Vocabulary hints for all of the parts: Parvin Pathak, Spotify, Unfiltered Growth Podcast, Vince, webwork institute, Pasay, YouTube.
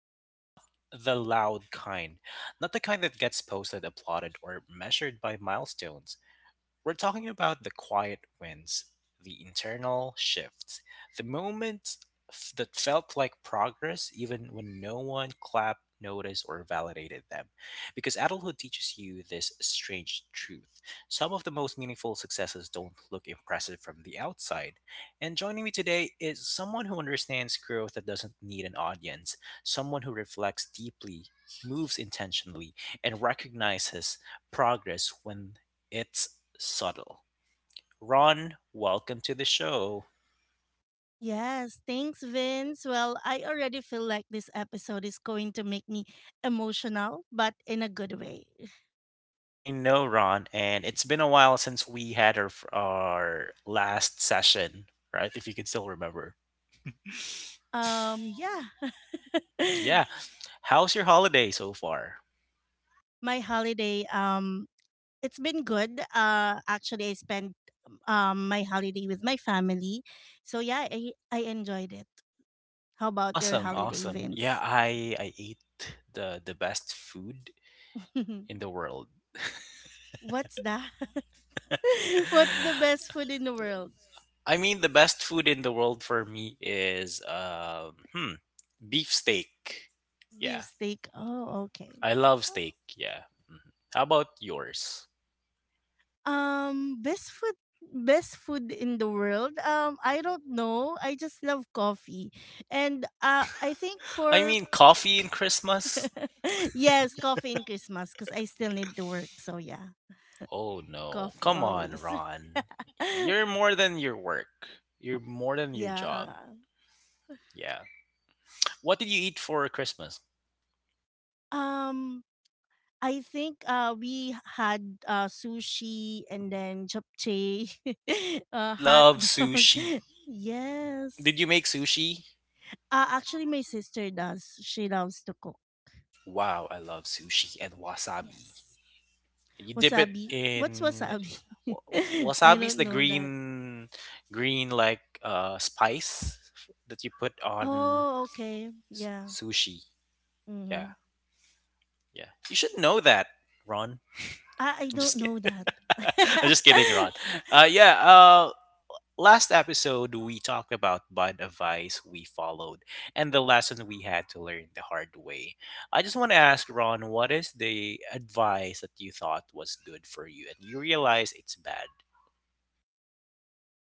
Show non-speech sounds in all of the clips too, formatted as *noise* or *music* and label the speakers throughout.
Speaker 1: but not the loud kind. Not the kind that gets posted, applauded, or measured by milestones. We're talking about the quiet wins, the internal shifts, the moments that felt like progress even when no one clapped, noticed, or validated them. Because adulthood teaches you this strange truth. Some of the most meaningful successes don't look impressive from the outside. And joining me today is someone who understands growth that doesn't need an audience, someone who reflects deeply, moves intentionally, and recognizes progress when it's subtle. Ron, welcome to the show.
Speaker 2: Yes, thanks, Vince. Well, I already feel like this episode is going to make me emotional, but in a good way.
Speaker 1: I know Ron, and it's been a while since we had our last session, right? If you can still remember.
Speaker 2: Yeah. *laughs*
Speaker 1: Yeah. How's your holiday so far?
Speaker 2: My holiday. It's been good. Actually, I spent my holiday with my family, so yeah, I enjoyed it. How about your
Speaker 1: Awesome,
Speaker 2: holiday,
Speaker 1: awesome. Yeah,
Speaker 2: Vince?
Speaker 1: I ate the best food
Speaker 2: *laughs*
Speaker 1: in the world. *sighs* *laughs*
Speaker 2: What's that? *laughs* What's the best food in the world?
Speaker 1: I mean, the best food in the world for me is beef steak.
Speaker 2: Beef
Speaker 1: Yeah,
Speaker 2: steak. Oh, okay.
Speaker 1: I love steak. Yeah. Mhm. How about yours?
Speaker 2: Um, best food best food in the world. I don't know. I just love coffee. And I think
Speaker 1: I
Speaker 2: for...
Speaker 1: mean, coffee in Christmas?
Speaker 2: *laughs* Yes, coffee in Christmas, because I still need to work. So yeah,
Speaker 1: Oh no.
Speaker 2: coffee
Speaker 1: Come on,
Speaker 2: always.
Speaker 1: Ron. You're
Speaker 2: *laughs*
Speaker 1: more than your work. You're more than your job.
Speaker 2: Yeah.
Speaker 1: Yeah. What did you eat for Christmas?
Speaker 2: Um, I think we had sushi and then japchae, *laughs*
Speaker 1: I
Speaker 2: hot
Speaker 1: love
Speaker 2: dog.
Speaker 1: sushi.
Speaker 2: *laughs*
Speaker 1: Did
Speaker 2: Yes.
Speaker 1: you make sushi?
Speaker 2: Actually, my sister does. She loves to cook.
Speaker 1: Wow, I love sushi and wasabi.
Speaker 2: Yes.
Speaker 1: You dip it
Speaker 2: Wasabi? What's
Speaker 1: in
Speaker 2: wasabi?
Speaker 1: wa-
Speaker 2: *laughs* I
Speaker 1: wasabi's
Speaker 2: don't
Speaker 1: the
Speaker 2: know that.
Speaker 1: green green like spice that you put on
Speaker 2: Oh, okay. Yeah.
Speaker 1: sushi. Yeah.
Speaker 2: Mm-hmm.
Speaker 1: Yeah, you should know that, Ron.
Speaker 2: I
Speaker 1: *laughs* I'm
Speaker 2: don't
Speaker 1: just
Speaker 2: know
Speaker 1: kidding.
Speaker 2: that.
Speaker 1: *laughs* I'm
Speaker 2: *laughs*
Speaker 1: just kidding, Ron. Uh, yeah. Uh, Last episode we talked about bad advice we followed and the lesson we had to learn the hard way. I just want to ask Ron, what is the advice that you thought was good for you and you realize it's bad?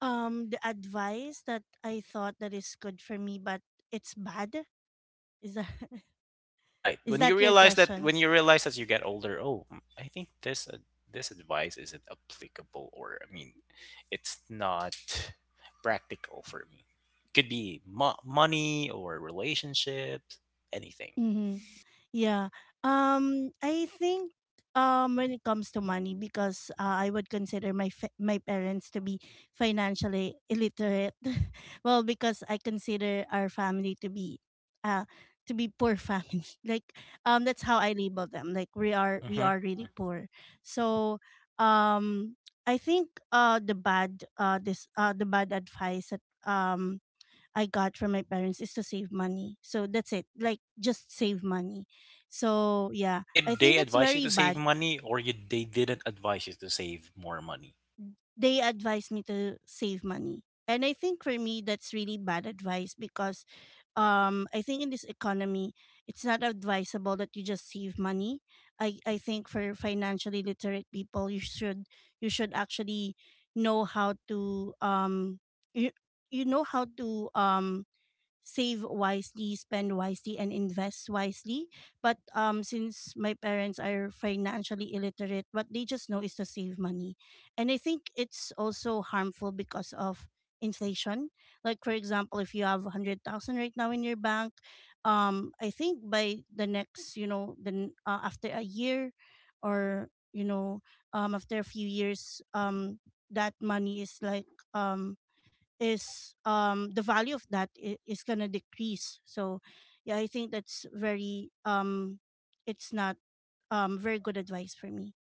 Speaker 2: The advice that I thought that is good for me, but it's bad. Is that—
Speaker 1: Right.
Speaker 2: *laughs* is
Speaker 1: When you
Speaker 2: that your
Speaker 1: realize that,
Speaker 2: question?
Speaker 1: when you realize as you get older, I think this this advice isn't applicable, or I mean, it's not practical for me. Could be money or relationships, anything.
Speaker 2: Mm-hmm. Yeah. I think when it comes to money, because I would consider my parents to be financially illiterate. *laughs* Well, because I consider our family to be, uh, poor family. *laughs* Like, that's how I label them. Like, we are we
Speaker 1: Hmm
Speaker 2: are really poor. So, um, I think the bad advice that um I got from my parents is to save money. So that's it. Like, just save money. So yeah, I
Speaker 1: Did
Speaker 2: think
Speaker 1: they
Speaker 2: that's
Speaker 1: advise you
Speaker 2: very
Speaker 1: to save
Speaker 2: bad.
Speaker 1: money, or you, they didn't advise you to save more money?
Speaker 2: They advised me to save money. And I think for me that's really bad advice, because I think in this economy it's not advisable that you just save money. I think for financially literate people you should actually know how to you, you know how to um save wisely, spend wisely, and invest wisely. But, since my parents are financially illiterate, what they just know is to save money. And I think it's also harmful because of inflation. Like, for example, if you have 100,000 right now in your bank, I think by the next, then, after a year, or, after a few years, that money is like, um, is the value of is going to decrease. So yeah, I think that's very— it's not very good advice for me.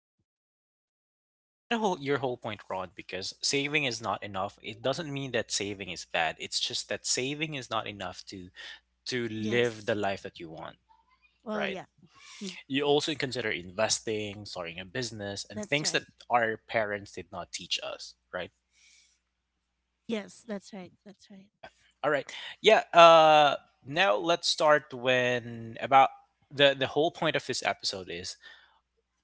Speaker 1: I get a whole, your whole point, Rod, because saving is not enough. It doesn't mean that saving is bad. It's just that saving is not enough to live the
Speaker 2: Yes.
Speaker 1: life that you want,
Speaker 2: Well,
Speaker 1: right?
Speaker 2: yeah. *laughs*
Speaker 1: You also
Speaker 2: Yes,
Speaker 1: consider investing, starting a business, and
Speaker 2: that's
Speaker 1: things that
Speaker 2: right.
Speaker 1: our parents did not teach us, right?
Speaker 2: Yes, that's right, that's right.
Speaker 1: Yeah. All right. Yeah. Uh, Now let's start when about the whole point of this episode is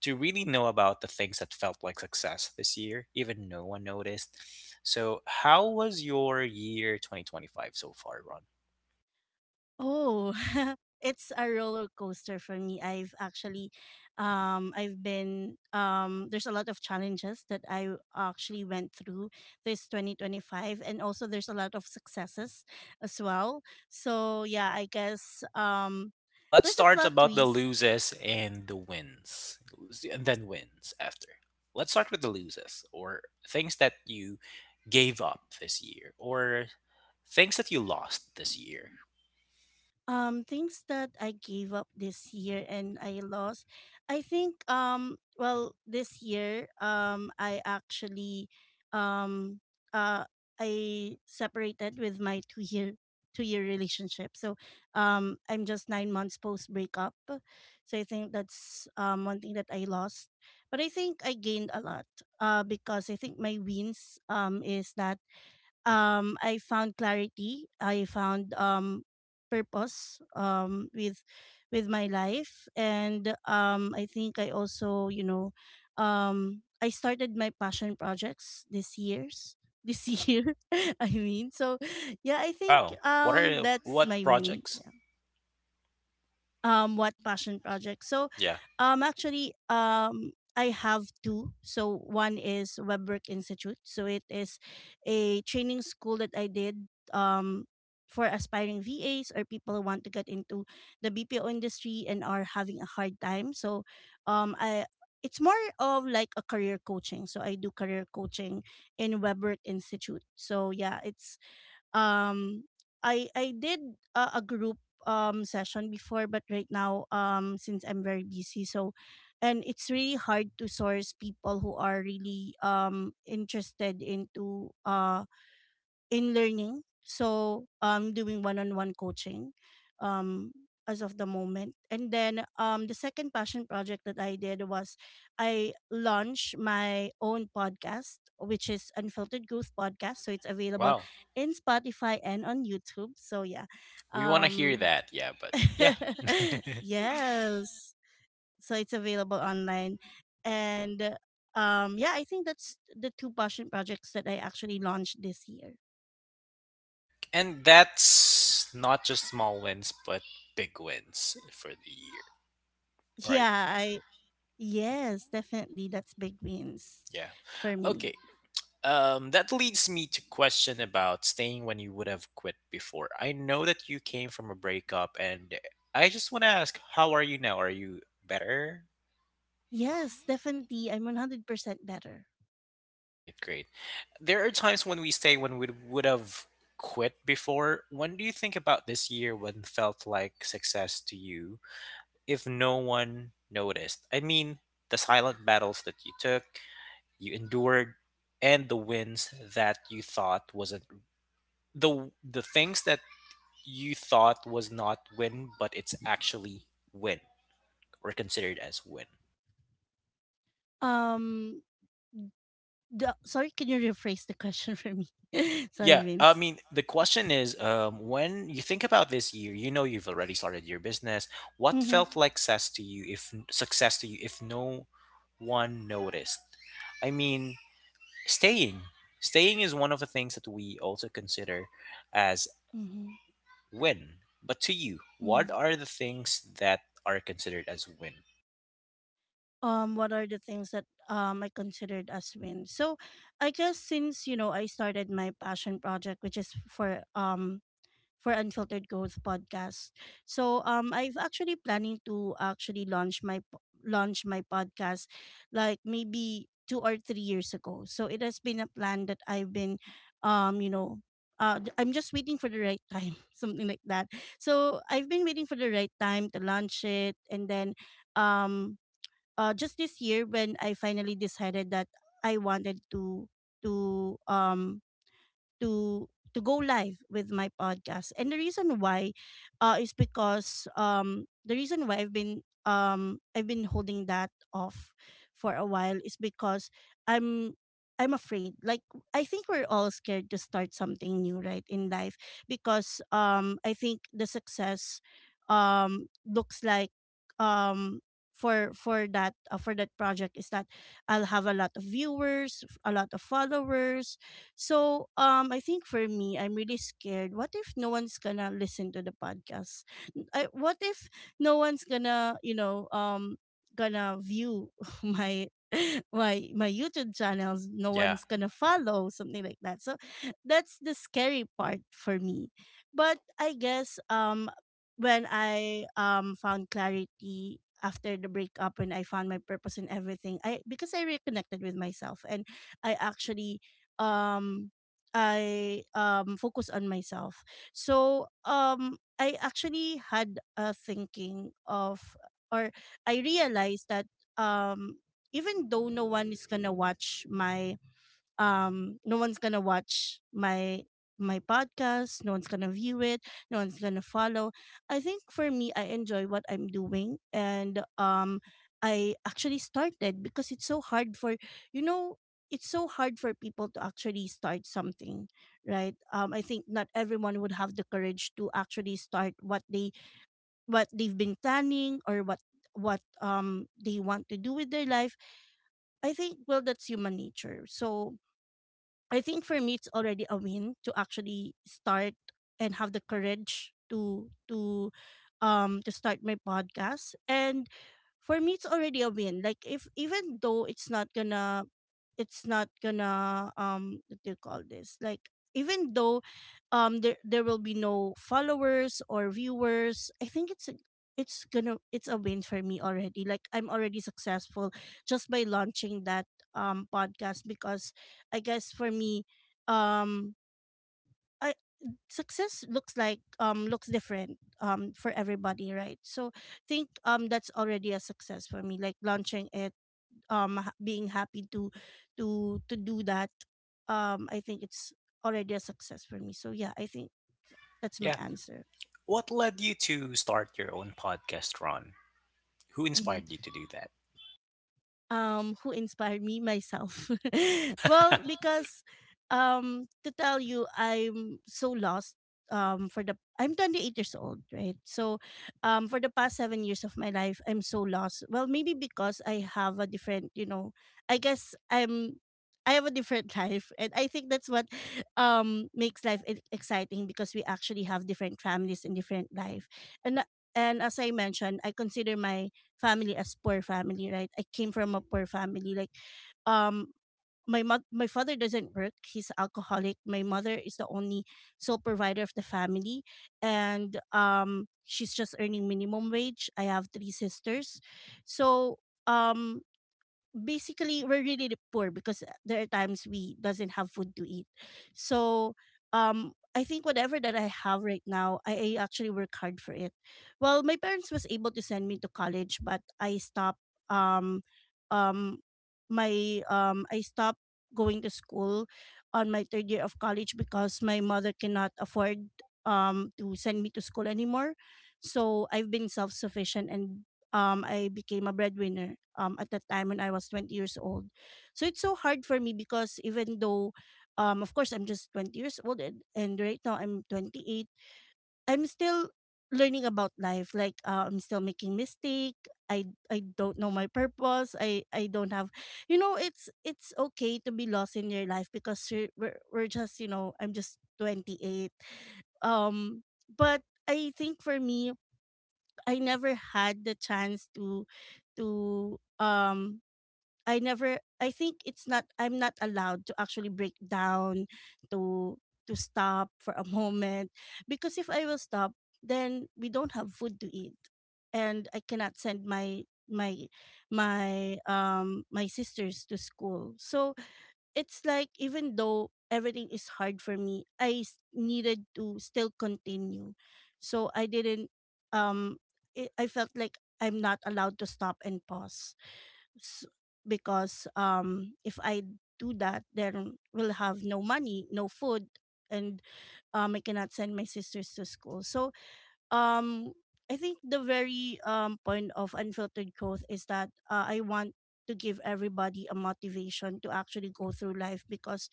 Speaker 1: to really know about the things that felt like success this year, even no one noticed. So, how was your year 2025 so far?
Speaker 2: Oh, *laughs* it's a roller coaster for me. I've actually, I've been, There's a lot of challenges that I actually went through this 2025, and also there's a lot of successes as well. So, yeah, I guess,
Speaker 1: Let's
Speaker 2: there's a
Speaker 1: start
Speaker 2: plot
Speaker 1: about the
Speaker 2: twist.
Speaker 1: loses and the wins, and then wins after. Let's start with the loses, or things that you gave up this year, or things that you lost this year.
Speaker 2: Things that I gave up this year and I lost. I think, well, this year, um uh I separated with my two year relationship. So, I'm just 9 months post breakup. So I think that's one thing that I lost. But I think I gained a lot, because I think my wins, is that I found clarity. I found, purpose, with my life. And, I think I also, I started my passion projects this *laughs* year. I mean, so yeah, I think,
Speaker 1: Wow, what are
Speaker 2: that's
Speaker 1: what
Speaker 2: my win.
Speaker 1: projects?
Speaker 2: What passion project? So,
Speaker 1: Yeah.
Speaker 2: actually, I have two. So one is Webwork Institute. So it is a training school that I did, um for aspiring VAs or people who want to get into the BPO industry and are having a hard time. So, I it's more of like a career coaching. So I do career coaching in Webwork Institute. So yeah, it's, um I did a group, session before, but right now, since I'm very busy, so. And it's really hard to source people who are really, interested into in learning. So I'm doing one-on-one coaching, um as of the moment. And then, the second passion project that I did was, I launched my own podcast, which is Unfiltered Growth Podcast. So it's available
Speaker 1: Wow,
Speaker 2: in Spotify and on YouTube. So yeah.
Speaker 1: we want to hear
Speaker 2: Um
Speaker 1: that, yeah, but
Speaker 2: *laughs*
Speaker 1: yeah.
Speaker 2: yes. So it's available online. And, yeah, I think that's the two passion projects that I actually launched this year.
Speaker 1: *laughs* and that's not just small wins but big wins for the year, right?
Speaker 2: Yeah, I yes, definitely that's big wins
Speaker 1: Yeah.
Speaker 2: for me.
Speaker 1: Okay. That leads me to question about staying when you would have quit before. I know that you came from a breakup, and I just want to ask, how are you now? Are you better?
Speaker 2: Yes, definitely I'm 100% better.
Speaker 1: Great, great. There are times when we stay when we would have quit before. When do you think about this year when felt like success to you if no one noticed? I mean, the silent battles that you took, you endured, and the wins that you thought wasn't the things that you thought was not win, but it's actually win or considered as win.
Speaker 2: Um Sorry, can you rephrase the question *laughs* for me? *laughs* Sorry,
Speaker 1: Yeah, I
Speaker 2: Vince.
Speaker 1: mean, the question is when you think about this year, you know you've already started your business. What
Speaker 2: Mhm.
Speaker 1: felt like success to you if no one noticed? I mean, staying. Staying is one of the things that we also consider as
Speaker 2: Mhm.
Speaker 1: win. But to you, what
Speaker 2: Mhm.
Speaker 1: are the things that are considered as win?
Speaker 2: What are the things that, I considered as wins? So, I guess, since, I started my passion project, which is for Unfiltered Growth podcast. So, I've actually planning to actually launch my podcast, like maybe 2 or 3 years ago. So it has been a plan that I've been, um you know I'm just waiting for the right time, *laughs* something like that. So I've been waiting for the right time to launch it, and then, um, just this year when I finally decided that I wanted to um to to go live with my podcast. And the reason why, is because, the reason why I've been holding that off for a while is because I'm I'm afraid. Like, I think we're all scared to start something new, right, in life, because, I think the success, looks like, um for that project is that I'll have a lot of viewers, a lot of followers. So, I think for me, I'm really scared. What if no one's gonna listen to the podcast? What if no one's gonna, gonna view *laughs* my *laughs* my YouTube channels? No
Speaker 1: Yeah.
Speaker 2: one's gonna follow, something like that. So, that's the scary part for me. But I guess, when I, found clarity after the breakup and I found my purpose in everything, I because I reconnected with myself, and I actually, um I focus on myself. So, I actually had a thinking of, or I realized that, um even though no one is gonna watch my— no one's gonna watch my podcast, no one's gonna view it, no one's gonna follow. I think for me I enjoy what I'm doing, and, I actually started, because it's so hard for— you know it's so hard for people to actually start something, right. I think not everyone would have the courage to actually start what they've been planning, or what they want to do with their life. I think, well, that's human nature, so. I think for me it's already a win to actually start and have the courage to start my podcast. And for me it's already a win. Like, if, even though it's not gonna, what do you call this, like, even though, there will be no followers or viewers, I think it's a win for me already. Like, I'm already successful just by launching that, podcast. Because I guess for me, um, I success looks like, looks different, for everybody, right? So I think, that's already a success for me, like launching it, being happy to do that. I think it's already a success for me. So yeah, I think, yeah, that's my
Speaker 1: Yeah.
Speaker 2: answer.
Speaker 1: What led you to start your own podcast, Ron? Who inspired you
Speaker 2: Mm-hmm.
Speaker 1: to do
Speaker 2: Who inspired me? Myself. *laughs* Well,
Speaker 1: that?
Speaker 2: because, to tell you, I'm so lost. For the I'm 28 years old, right? So, for the past 7 years of my life I'm so lost. Well, maybe because I have a different, I guess, I have a different *laughs* life. And I think that's what, makes life exciting, because we actually have different families and different life. And and, as I mentioned, I consider my family as poor family, right? I came from a poor family. Like, um, my mother, my father doesn't work. He's alcoholic. My mother is the only sole provider of the family, and, she's just earning minimum wage. I have three sisters, so, um basically we're really poor because there are times we doesn't have food to eat. So, I think whatever that I have right now, I actually work hard for it. Well, my parents was able to send me to college, but um um I stopped going to school on my third year of college because my mother cannot afford, to send me to school anymore. So I've been self sufficient, and, I became a breadwinner, at that time when I was 20 years old. So it's so hard for me because even though, of course, I'm just 20 years old and right now I'm 28. I'm still learning about life. Like, I'm still making mistake. I, I don't know my purpose. I don't have, it's okay to be lost in your life because we're just, I'm just 28. Um, but I think for me, I never had the chance to to um I think it's not, I'm not allowed to actually break down to stop for a *laughs* moment, because if I will stop then we don't have food to eat, and I cannot send my my sisters to school. So it's like even though everything is hard for me, needed to still continue. So I didn't, um it, I felt like I'm not allowed to stop and pause, S because if I do that then we'll have no money, no food, and I cannot send my sisters to school. So um I think the very point of unfiltered growth is that I want to give everybody a motivation to actually go through life because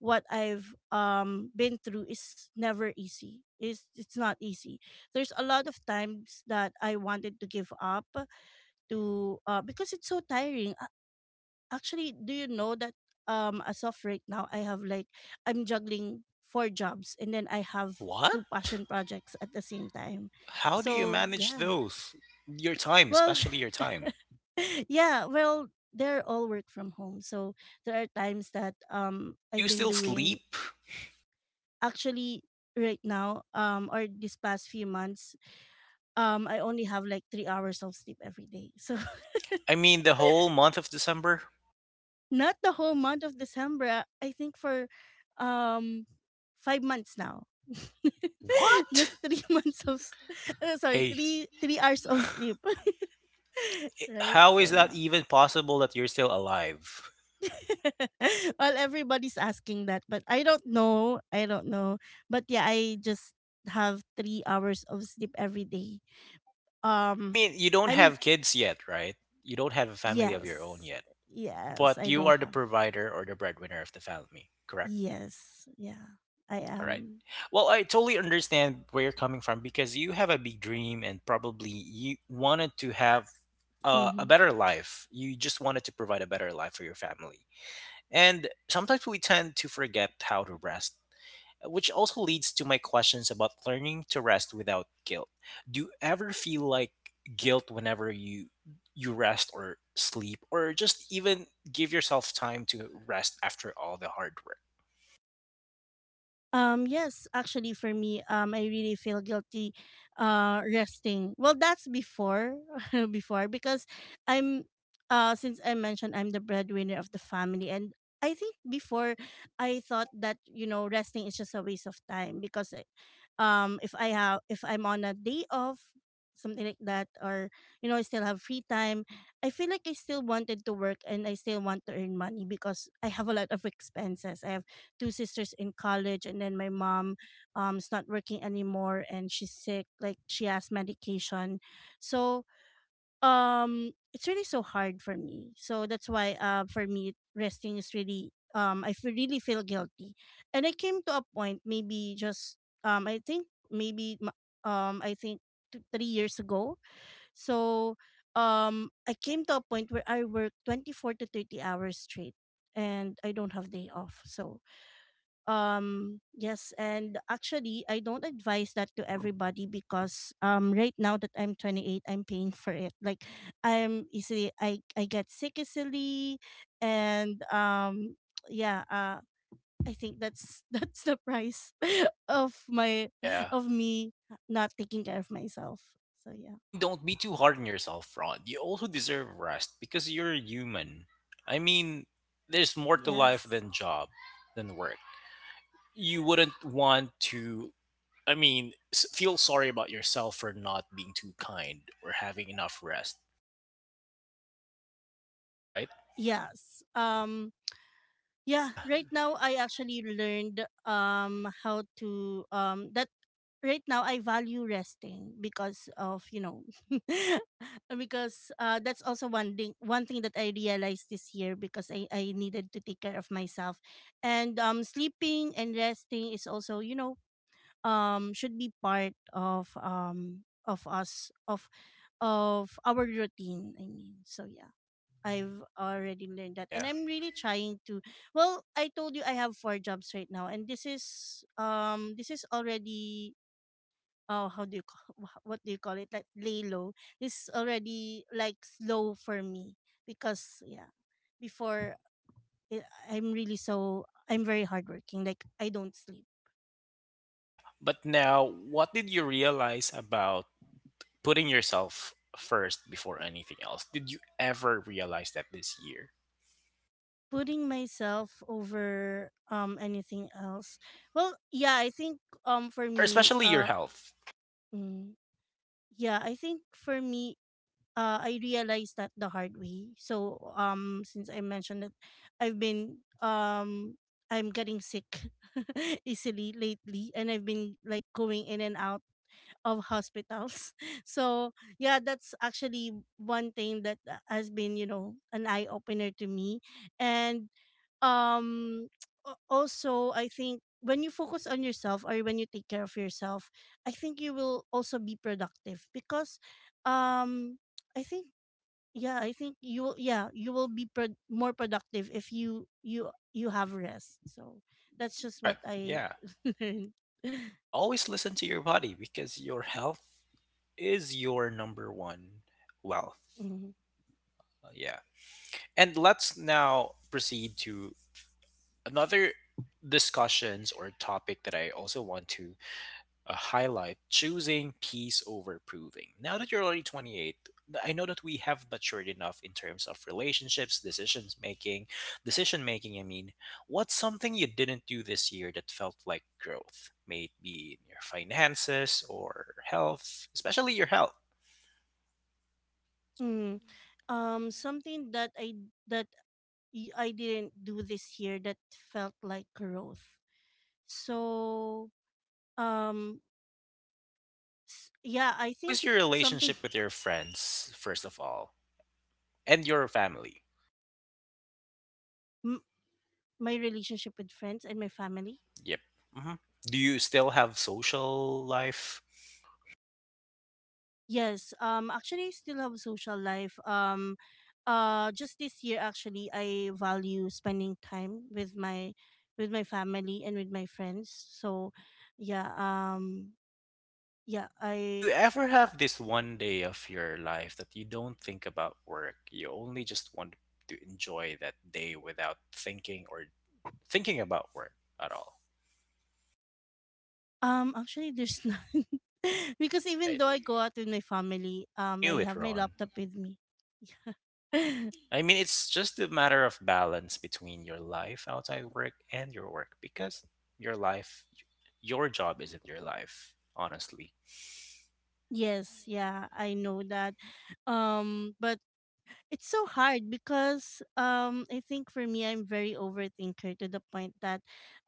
Speaker 2: what I've been through is never easy. It's not easy. There's a lot of times that I wanted to give up, to because it's so tiring. Actually, do you know that as of right now I have like, I'm juggling four jobs and then I
Speaker 1: *laughs*
Speaker 2: have
Speaker 1: What?
Speaker 2: two passion projects at the same time.
Speaker 1: How do you
Speaker 2: So,
Speaker 1: manage
Speaker 2: yeah.
Speaker 1: those? Your time,
Speaker 2: Well,
Speaker 1: especially your time.
Speaker 2: *laughs* yeah, well, they're all work from home. So, there are times that
Speaker 1: Do
Speaker 2: I've
Speaker 1: you
Speaker 2: been
Speaker 1: still
Speaker 2: doing,
Speaker 1: sleep?
Speaker 2: actually right now or these past few months I only have like 3 hours of sleep every day. *laughs* So,
Speaker 1: I mean, the whole month of December?
Speaker 2: not the whole month of December. I think for um 5 months now. *laughs* Just
Speaker 1: What?
Speaker 2: three *laughs* months of s- *laughs* sorry,
Speaker 1: Hey,
Speaker 2: three hours of sleep. *laughs* Right?
Speaker 1: how is
Speaker 2: So
Speaker 1: that
Speaker 2: yeah.
Speaker 1: even possible that you're still alive?
Speaker 2: *laughs* Well, everybody's asking that, but I don't know. I don't know. But yeah, I just have 3 hours of sleep every day.
Speaker 1: I
Speaker 2: Um
Speaker 1: mean, you don't
Speaker 2: I'm,
Speaker 1: have kids yet, right? You don't have a family of your own
Speaker 2: yes.
Speaker 1: yet,
Speaker 2: Yes,
Speaker 1: but
Speaker 2: I
Speaker 1: you
Speaker 2: don't
Speaker 1: are the
Speaker 2: have.
Speaker 1: provider or the breadwinner of the family, correct?
Speaker 2: Yes. Yeah. I
Speaker 1: All right.
Speaker 2: am.
Speaker 1: Well, I totally understand where you're coming from because you have a big dream and probably you wanted to have a
Speaker 2: Mm-hmm.
Speaker 1: better life. You just wanted to provide a better life for your family. And sometimes we tend to forget how to rest, which also leads to my questions about learning to rest without guilt. Do you ever feel like guilt whenever you rest or sleep or just even give yourself time to rest after all the hard work?
Speaker 2: Yes, actually, for me, I really feel guilty, resting. Well, that's before, *laughs* before, because I'm, since I mentioned I'm the breadwinner of the family, and I think before I thought that, resting is just a waste of time because, if I have, if I'm on a day off, something like that, or I still have free time, I feel like I still wanted to work and I still want to earn money because I have a lot of expenses. I have two sisters in college and then my mom is not working anymore and she's sick, like she has medication. So it's really so hard for me, so that's why, for me resting is really, I feel, really feel guilty. And I came to a point, maybe just, I think maybe, I think two, 3 years ago. So I came to a point where I work 24 to 30 hours straight and I don't have day off. So yes, and actually I don't advise that to everybody because right now that I'm 28, I'm paying for it, like I'm easily, I get sick easily. And yeah, I think that's *laughs* that's the price *laughs* of my,
Speaker 1: Yeah.
Speaker 2: of me not taking care of myself. So
Speaker 1: I
Speaker 2: yeah.
Speaker 1: mean, don't be too hard on yourself, Rod. You also deserve rest because you're human. I mean, there's more to life
Speaker 2: Yes.
Speaker 1: than job, than work. You wouldn't want to, I mean, feel sorry about yourself for not being too kind or having enough rest, right?
Speaker 2: Yes. Yeah,
Speaker 1: Yeah,
Speaker 2: right now I actually learned how to, that right now I value resting because of, you know, *laughs* because that's also one thing that I realized this year, because I needed to take care of myself. And sleeping and resting is also, you know, should be part of us of our routine, I mean. So yeah. I've already learned that. And
Speaker 1: yeah,
Speaker 2: I'm really trying to, well, I told you I have four jobs right now and this is already, oh how do you call, what do you call it? Like lay low. This is already like slow for me because yeah, before, I- I'm really so, I'm very hardworking. Like I don't sleep.
Speaker 1: yeah. But now, what did you realize about putting yourself first before anything else? Did you ever realize that this year?
Speaker 2: Putting myself over anything else. Well, yeah, I think for
Speaker 1: Or
Speaker 2: me,
Speaker 1: especially your health.
Speaker 2: mm, yeah, I think for me, I realized that the hard way. So since I mentioned that, I've been um, I'm getting sick *laughs* easily lately, and I've been like going in and out of hospitals. *laughs* So yeah, that's actually one thing that, has been, you know, an eye opener to me. And um *tsk* also I think when you focus on yourself or when you take care of yourself, I think you will also be productive because um *tsk* I think, yeah, I think you will, yeah, you will be more productive if you have rest. So that's just
Speaker 1: Correct.
Speaker 2: what I
Speaker 1: Yeah.
Speaker 2: *laughs* learned.
Speaker 1: Always listen to your body because your health is your number one wealth.
Speaker 2: *laughs*
Speaker 1: Yeah. And let's now proceed to another discussions or topic that I also want to a highlight choosing peace over proving. Now that you're already 28, I know that we have matured enough in terms of relationships, decisions making, decision making. I mean, what's something you didn't do this year that felt like growth? May it be in your finances or health, especially your health.
Speaker 2: Mm. Something that I, that I didn't do this year that felt like growth. So, um, yeah, I
Speaker 1: How
Speaker 2: think
Speaker 1: is your
Speaker 2: something.
Speaker 1: relationship with your friends, first of all, and your family?
Speaker 2: *laughs* m- my relationship with friends and my family.
Speaker 1: Yep. hmm Do you still have social life?
Speaker 2: Yes. Actually, I still have social life. Just this year, actually, I value spending time with my, with my family and with my friends. So, yeah. Yeah,
Speaker 1: Do you
Speaker 2: I.
Speaker 1: ever have this one day of your life that you don't think about work? You only just want to enjoy that day without thinking or thinking about work at all,
Speaker 2: Actually, there's none. *laughs* Because even
Speaker 1: right?
Speaker 2: though I go out with my family,
Speaker 1: I
Speaker 2: I
Speaker 1: knew it,
Speaker 2: have my
Speaker 1: Ron.
Speaker 2: laptop with me. *laughs*
Speaker 1: I mean, it's just a matter of balance between your life outside work and your work because your life, your job isn't your life, honestly.
Speaker 2: Yes, yeah, I know that. But it's so hard because I think for me, I'm very overthinker to the point that,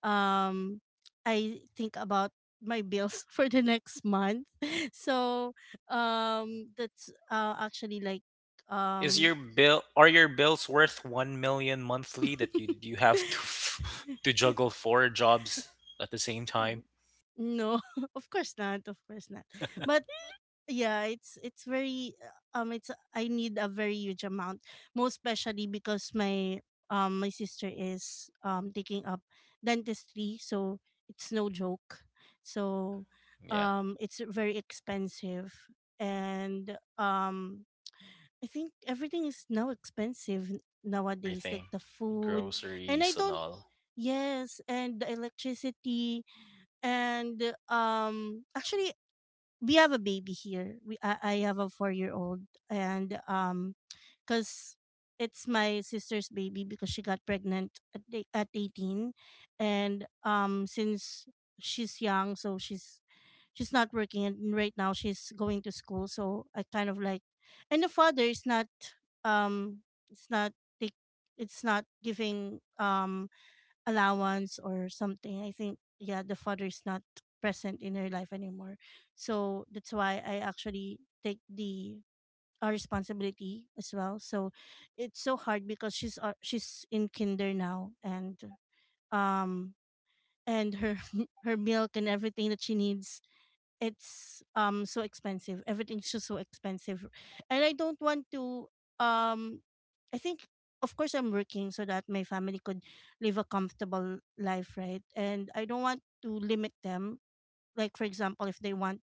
Speaker 2: um, I think about my bills *laughs* for the next month. *laughs* So that's, actually like
Speaker 1: Is
Speaker 2: um.
Speaker 1: your bill are your bills worth 1 million monthly that you have to *laughs* to juggle four jobs at the
Speaker 2: *laughs*
Speaker 1: same time?
Speaker 2: *laughs* No, *laughs* of course not. Of course not. But yeah, it's very, it's, I need a very huge amount, most especially because my my sister is taking up dentistry, so it's no joke.
Speaker 1: Yeah,
Speaker 2: So
Speaker 1: yeah,
Speaker 2: it's very expensive. And I think everything is now expensive nowadays, like
Speaker 1: everything,
Speaker 2: the food, and I
Speaker 1: groceries and
Speaker 2: don't,
Speaker 1: all.
Speaker 2: yes, and the electricity. And actually we have a baby here, I have a 4 year old. And because it's my sister's baby, because she got pregnant at, at 18. And since she's young, so she's not working, and right now she's going to school, so I kind of like, and the father is not, um it's not take it's not giving allowance or something. I think, yeah, the father is not present in her life anymore. So that's why I actually take the, responsibility as well. So it's so hard because she's in kinder now. And um and her *laughs* her milk and everything that she needs, it's so expensive. Everything's just so expensive. And I don't want to, um I think, of course I'm working so that my family could live a comfortable life, right? And I don't want to limit them. Like for example, if they want,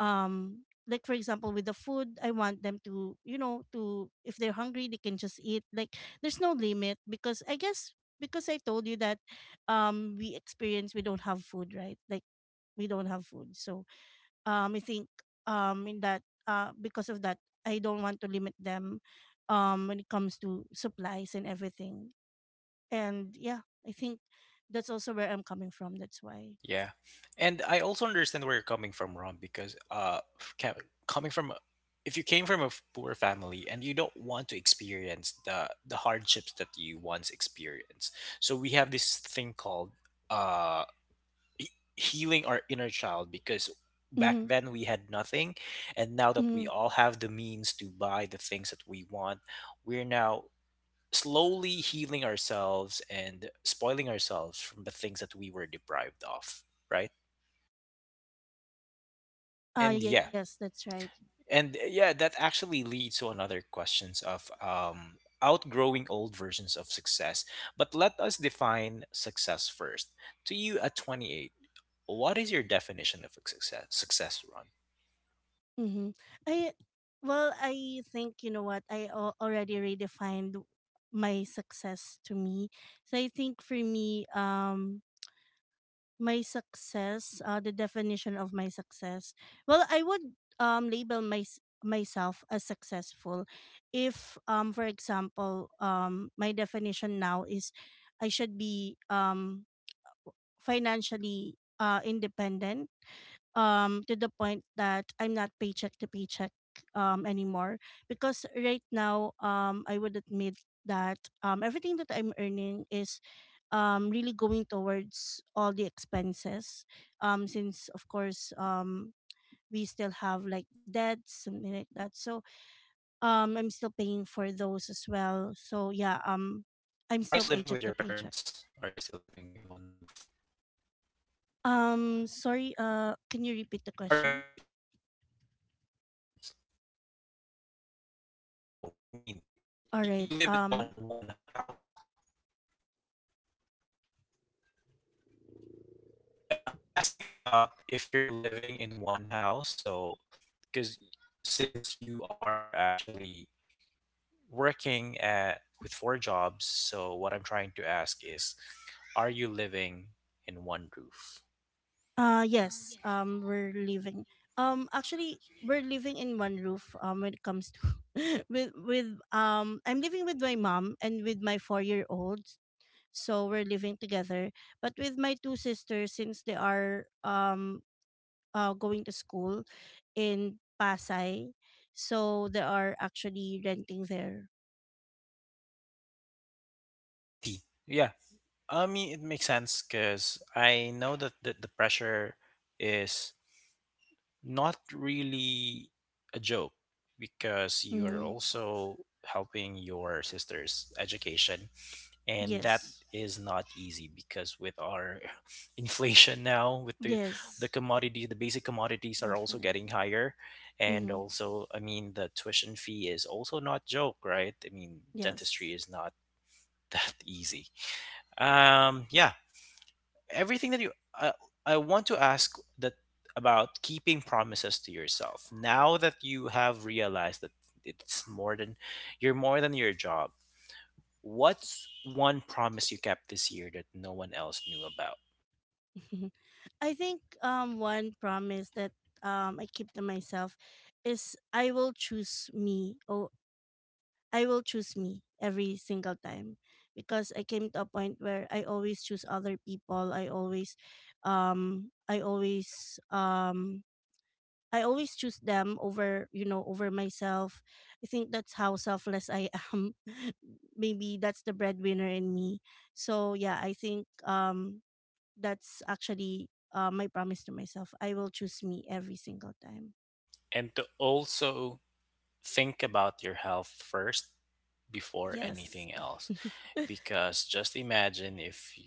Speaker 2: like for example with the food, I want them to, you know, to, if they're hungry they can just eat. Like there's no limit, because I guess, because I told you that we experience, we don't have food, right? Like we don't have food. So I think in that, because of that, I don't want to limit them, when it comes to supplies and everything. And yeah, I think that's also where I'm coming from. That's why.
Speaker 1: Yeah, and I also understand where you're coming from, Ron, because coming from if you came from a poor family and you don't want to experience the hardships that you once experienced, so we have this thing called uh he- healing our inner child, because back
Speaker 2: Mm-hmm.
Speaker 1: then we had nothing, and now that we
Speaker 2: Mm-hmm.
Speaker 1: all have the means to buy the things that we want, we're now slowly healing ourselves and spoiling ourselves from the things that we were deprived of, right? and yeah
Speaker 2: Yes, that's right.
Speaker 1: and uh, yeah that actually leads to another questions of outgrowing old versions of success, but let us define success first. To you at 28, what is your definition of a success, success run?
Speaker 2: Mm-hmm. I, well, I think, you know what, I already redefined my success to me. So I think for me, my success, the definition of my success, well I would label my myself as successful if, for example, my definition now is I should be financially, independent, to the point that I'm not paycheck to paycheck anymore. Because right now, I would admit that everything that I'm earning is really going towards all the expenses, since of course, we still have like debts, something like that. So I'm still paying for those as well. So yeah,
Speaker 1: Are you
Speaker 2: I'm
Speaker 1: still
Speaker 2: still
Speaker 1: living with
Speaker 2: paycheck
Speaker 1: your
Speaker 2: to paycheck.
Speaker 1: parents? Are you still living in one roof?
Speaker 2: Sorry, can you repeat the
Speaker 1: Are you
Speaker 2: question?
Speaker 1: live, living in one roof with your parents? One home. I mean,
Speaker 2: All
Speaker 1: you
Speaker 2: right.
Speaker 1: live in one house. I, I'm asking about if you're living in one house, so because since you are actually working at with four jobs, so what I'm trying to ask is, are you living in one roof?
Speaker 2: Uh, yes, we're living. Actually we're living in one roof when it comes to *laughs* with I'm living with my mom and with my 4-year-old. So we're living together. But with my two sisters, since they are going to school in Pasay, so they are actually renting there.
Speaker 1: I see. Yeah. I mean, it makes sense because I know that the pressure is not really a joke because you are
Speaker 2: Mhm.
Speaker 1: also helping your sister's education, and that
Speaker 2: Yes.
Speaker 1: is not easy because with our *laughs* inflation now with the
Speaker 2: Yes.
Speaker 1: commodity the basic commodities are also getting
Speaker 2: Definitely.
Speaker 1: higher. And
Speaker 2: Mhm.
Speaker 1: also I mean the tuition fee is also not joke, right? I mean dentistry
Speaker 2: Yes.
Speaker 1: is not *laughs* that easy. um yeah Everything that you uh, I want to ask that about keeping promises to yourself now that you have realized that it's more than you're more than your job. What's one promise you kept this year that no one else knew about?
Speaker 2: *laughs* I think one promise that I keep to myself is I will choose me. Oh, I will choose me every single time, because I came to a point where I always choose other people. I always, um I always um I always choose them over, you know, over myself. I think that's how selfless I am. *laughs* Maybe that's the breadwinner in me. So yeah, I think that's actually, my promise to myself. I will choose me every single time.
Speaker 1: And to also think about your health first before
Speaker 2: Yes.
Speaker 1: anything else,
Speaker 2: *laughs*
Speaker 1: because just imagine if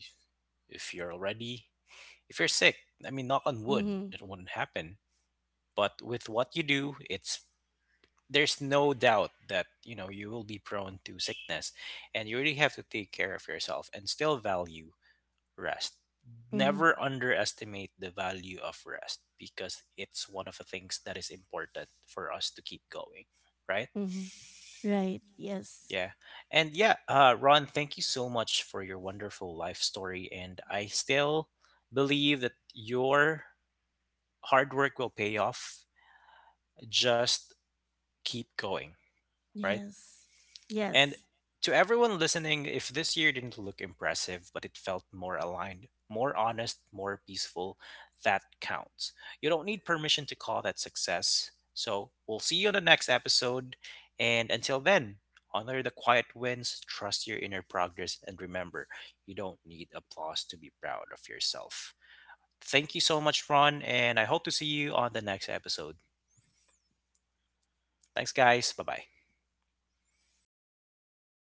Speaker 1: if you're already if you're sick, I mean, knock on wood
Speaker 2: Mm-hmm.
Speaker 1: that wouldn't happen, but with what you do it's there's no doubt that you know you will be prone to sickness, and you really have to take care of yourself and still value rest.
Speaker 2: Mm-hmm.
Speaker 1: Never underestimate the value of rest because it's one of the things that is important for us to keep going, right?
Speaker 2: Mm-hmm. Right. Yes.
Speaker 1: Yeah. Ron, thank you so much for your wonderful life story. And I still believe that your hard work will pay off. Just keep going, right?
Speaker 2: Yes.
Speaker 1: And
Speaker 2: Yes.
Speaker 1: to everyone listening, if this year didn't look impressive, but it felt more aligned, more honest, more peaceful, that counts. You don't need permission to call that success. So we'll see you on the next episode. And until then, honor the quiet wins, trust your inner progress, and remember, you don't need applause to be proud of yourself. Thank you so much, Ron, and I hope to see you on the next episode. Thanks, guys. Bye bye.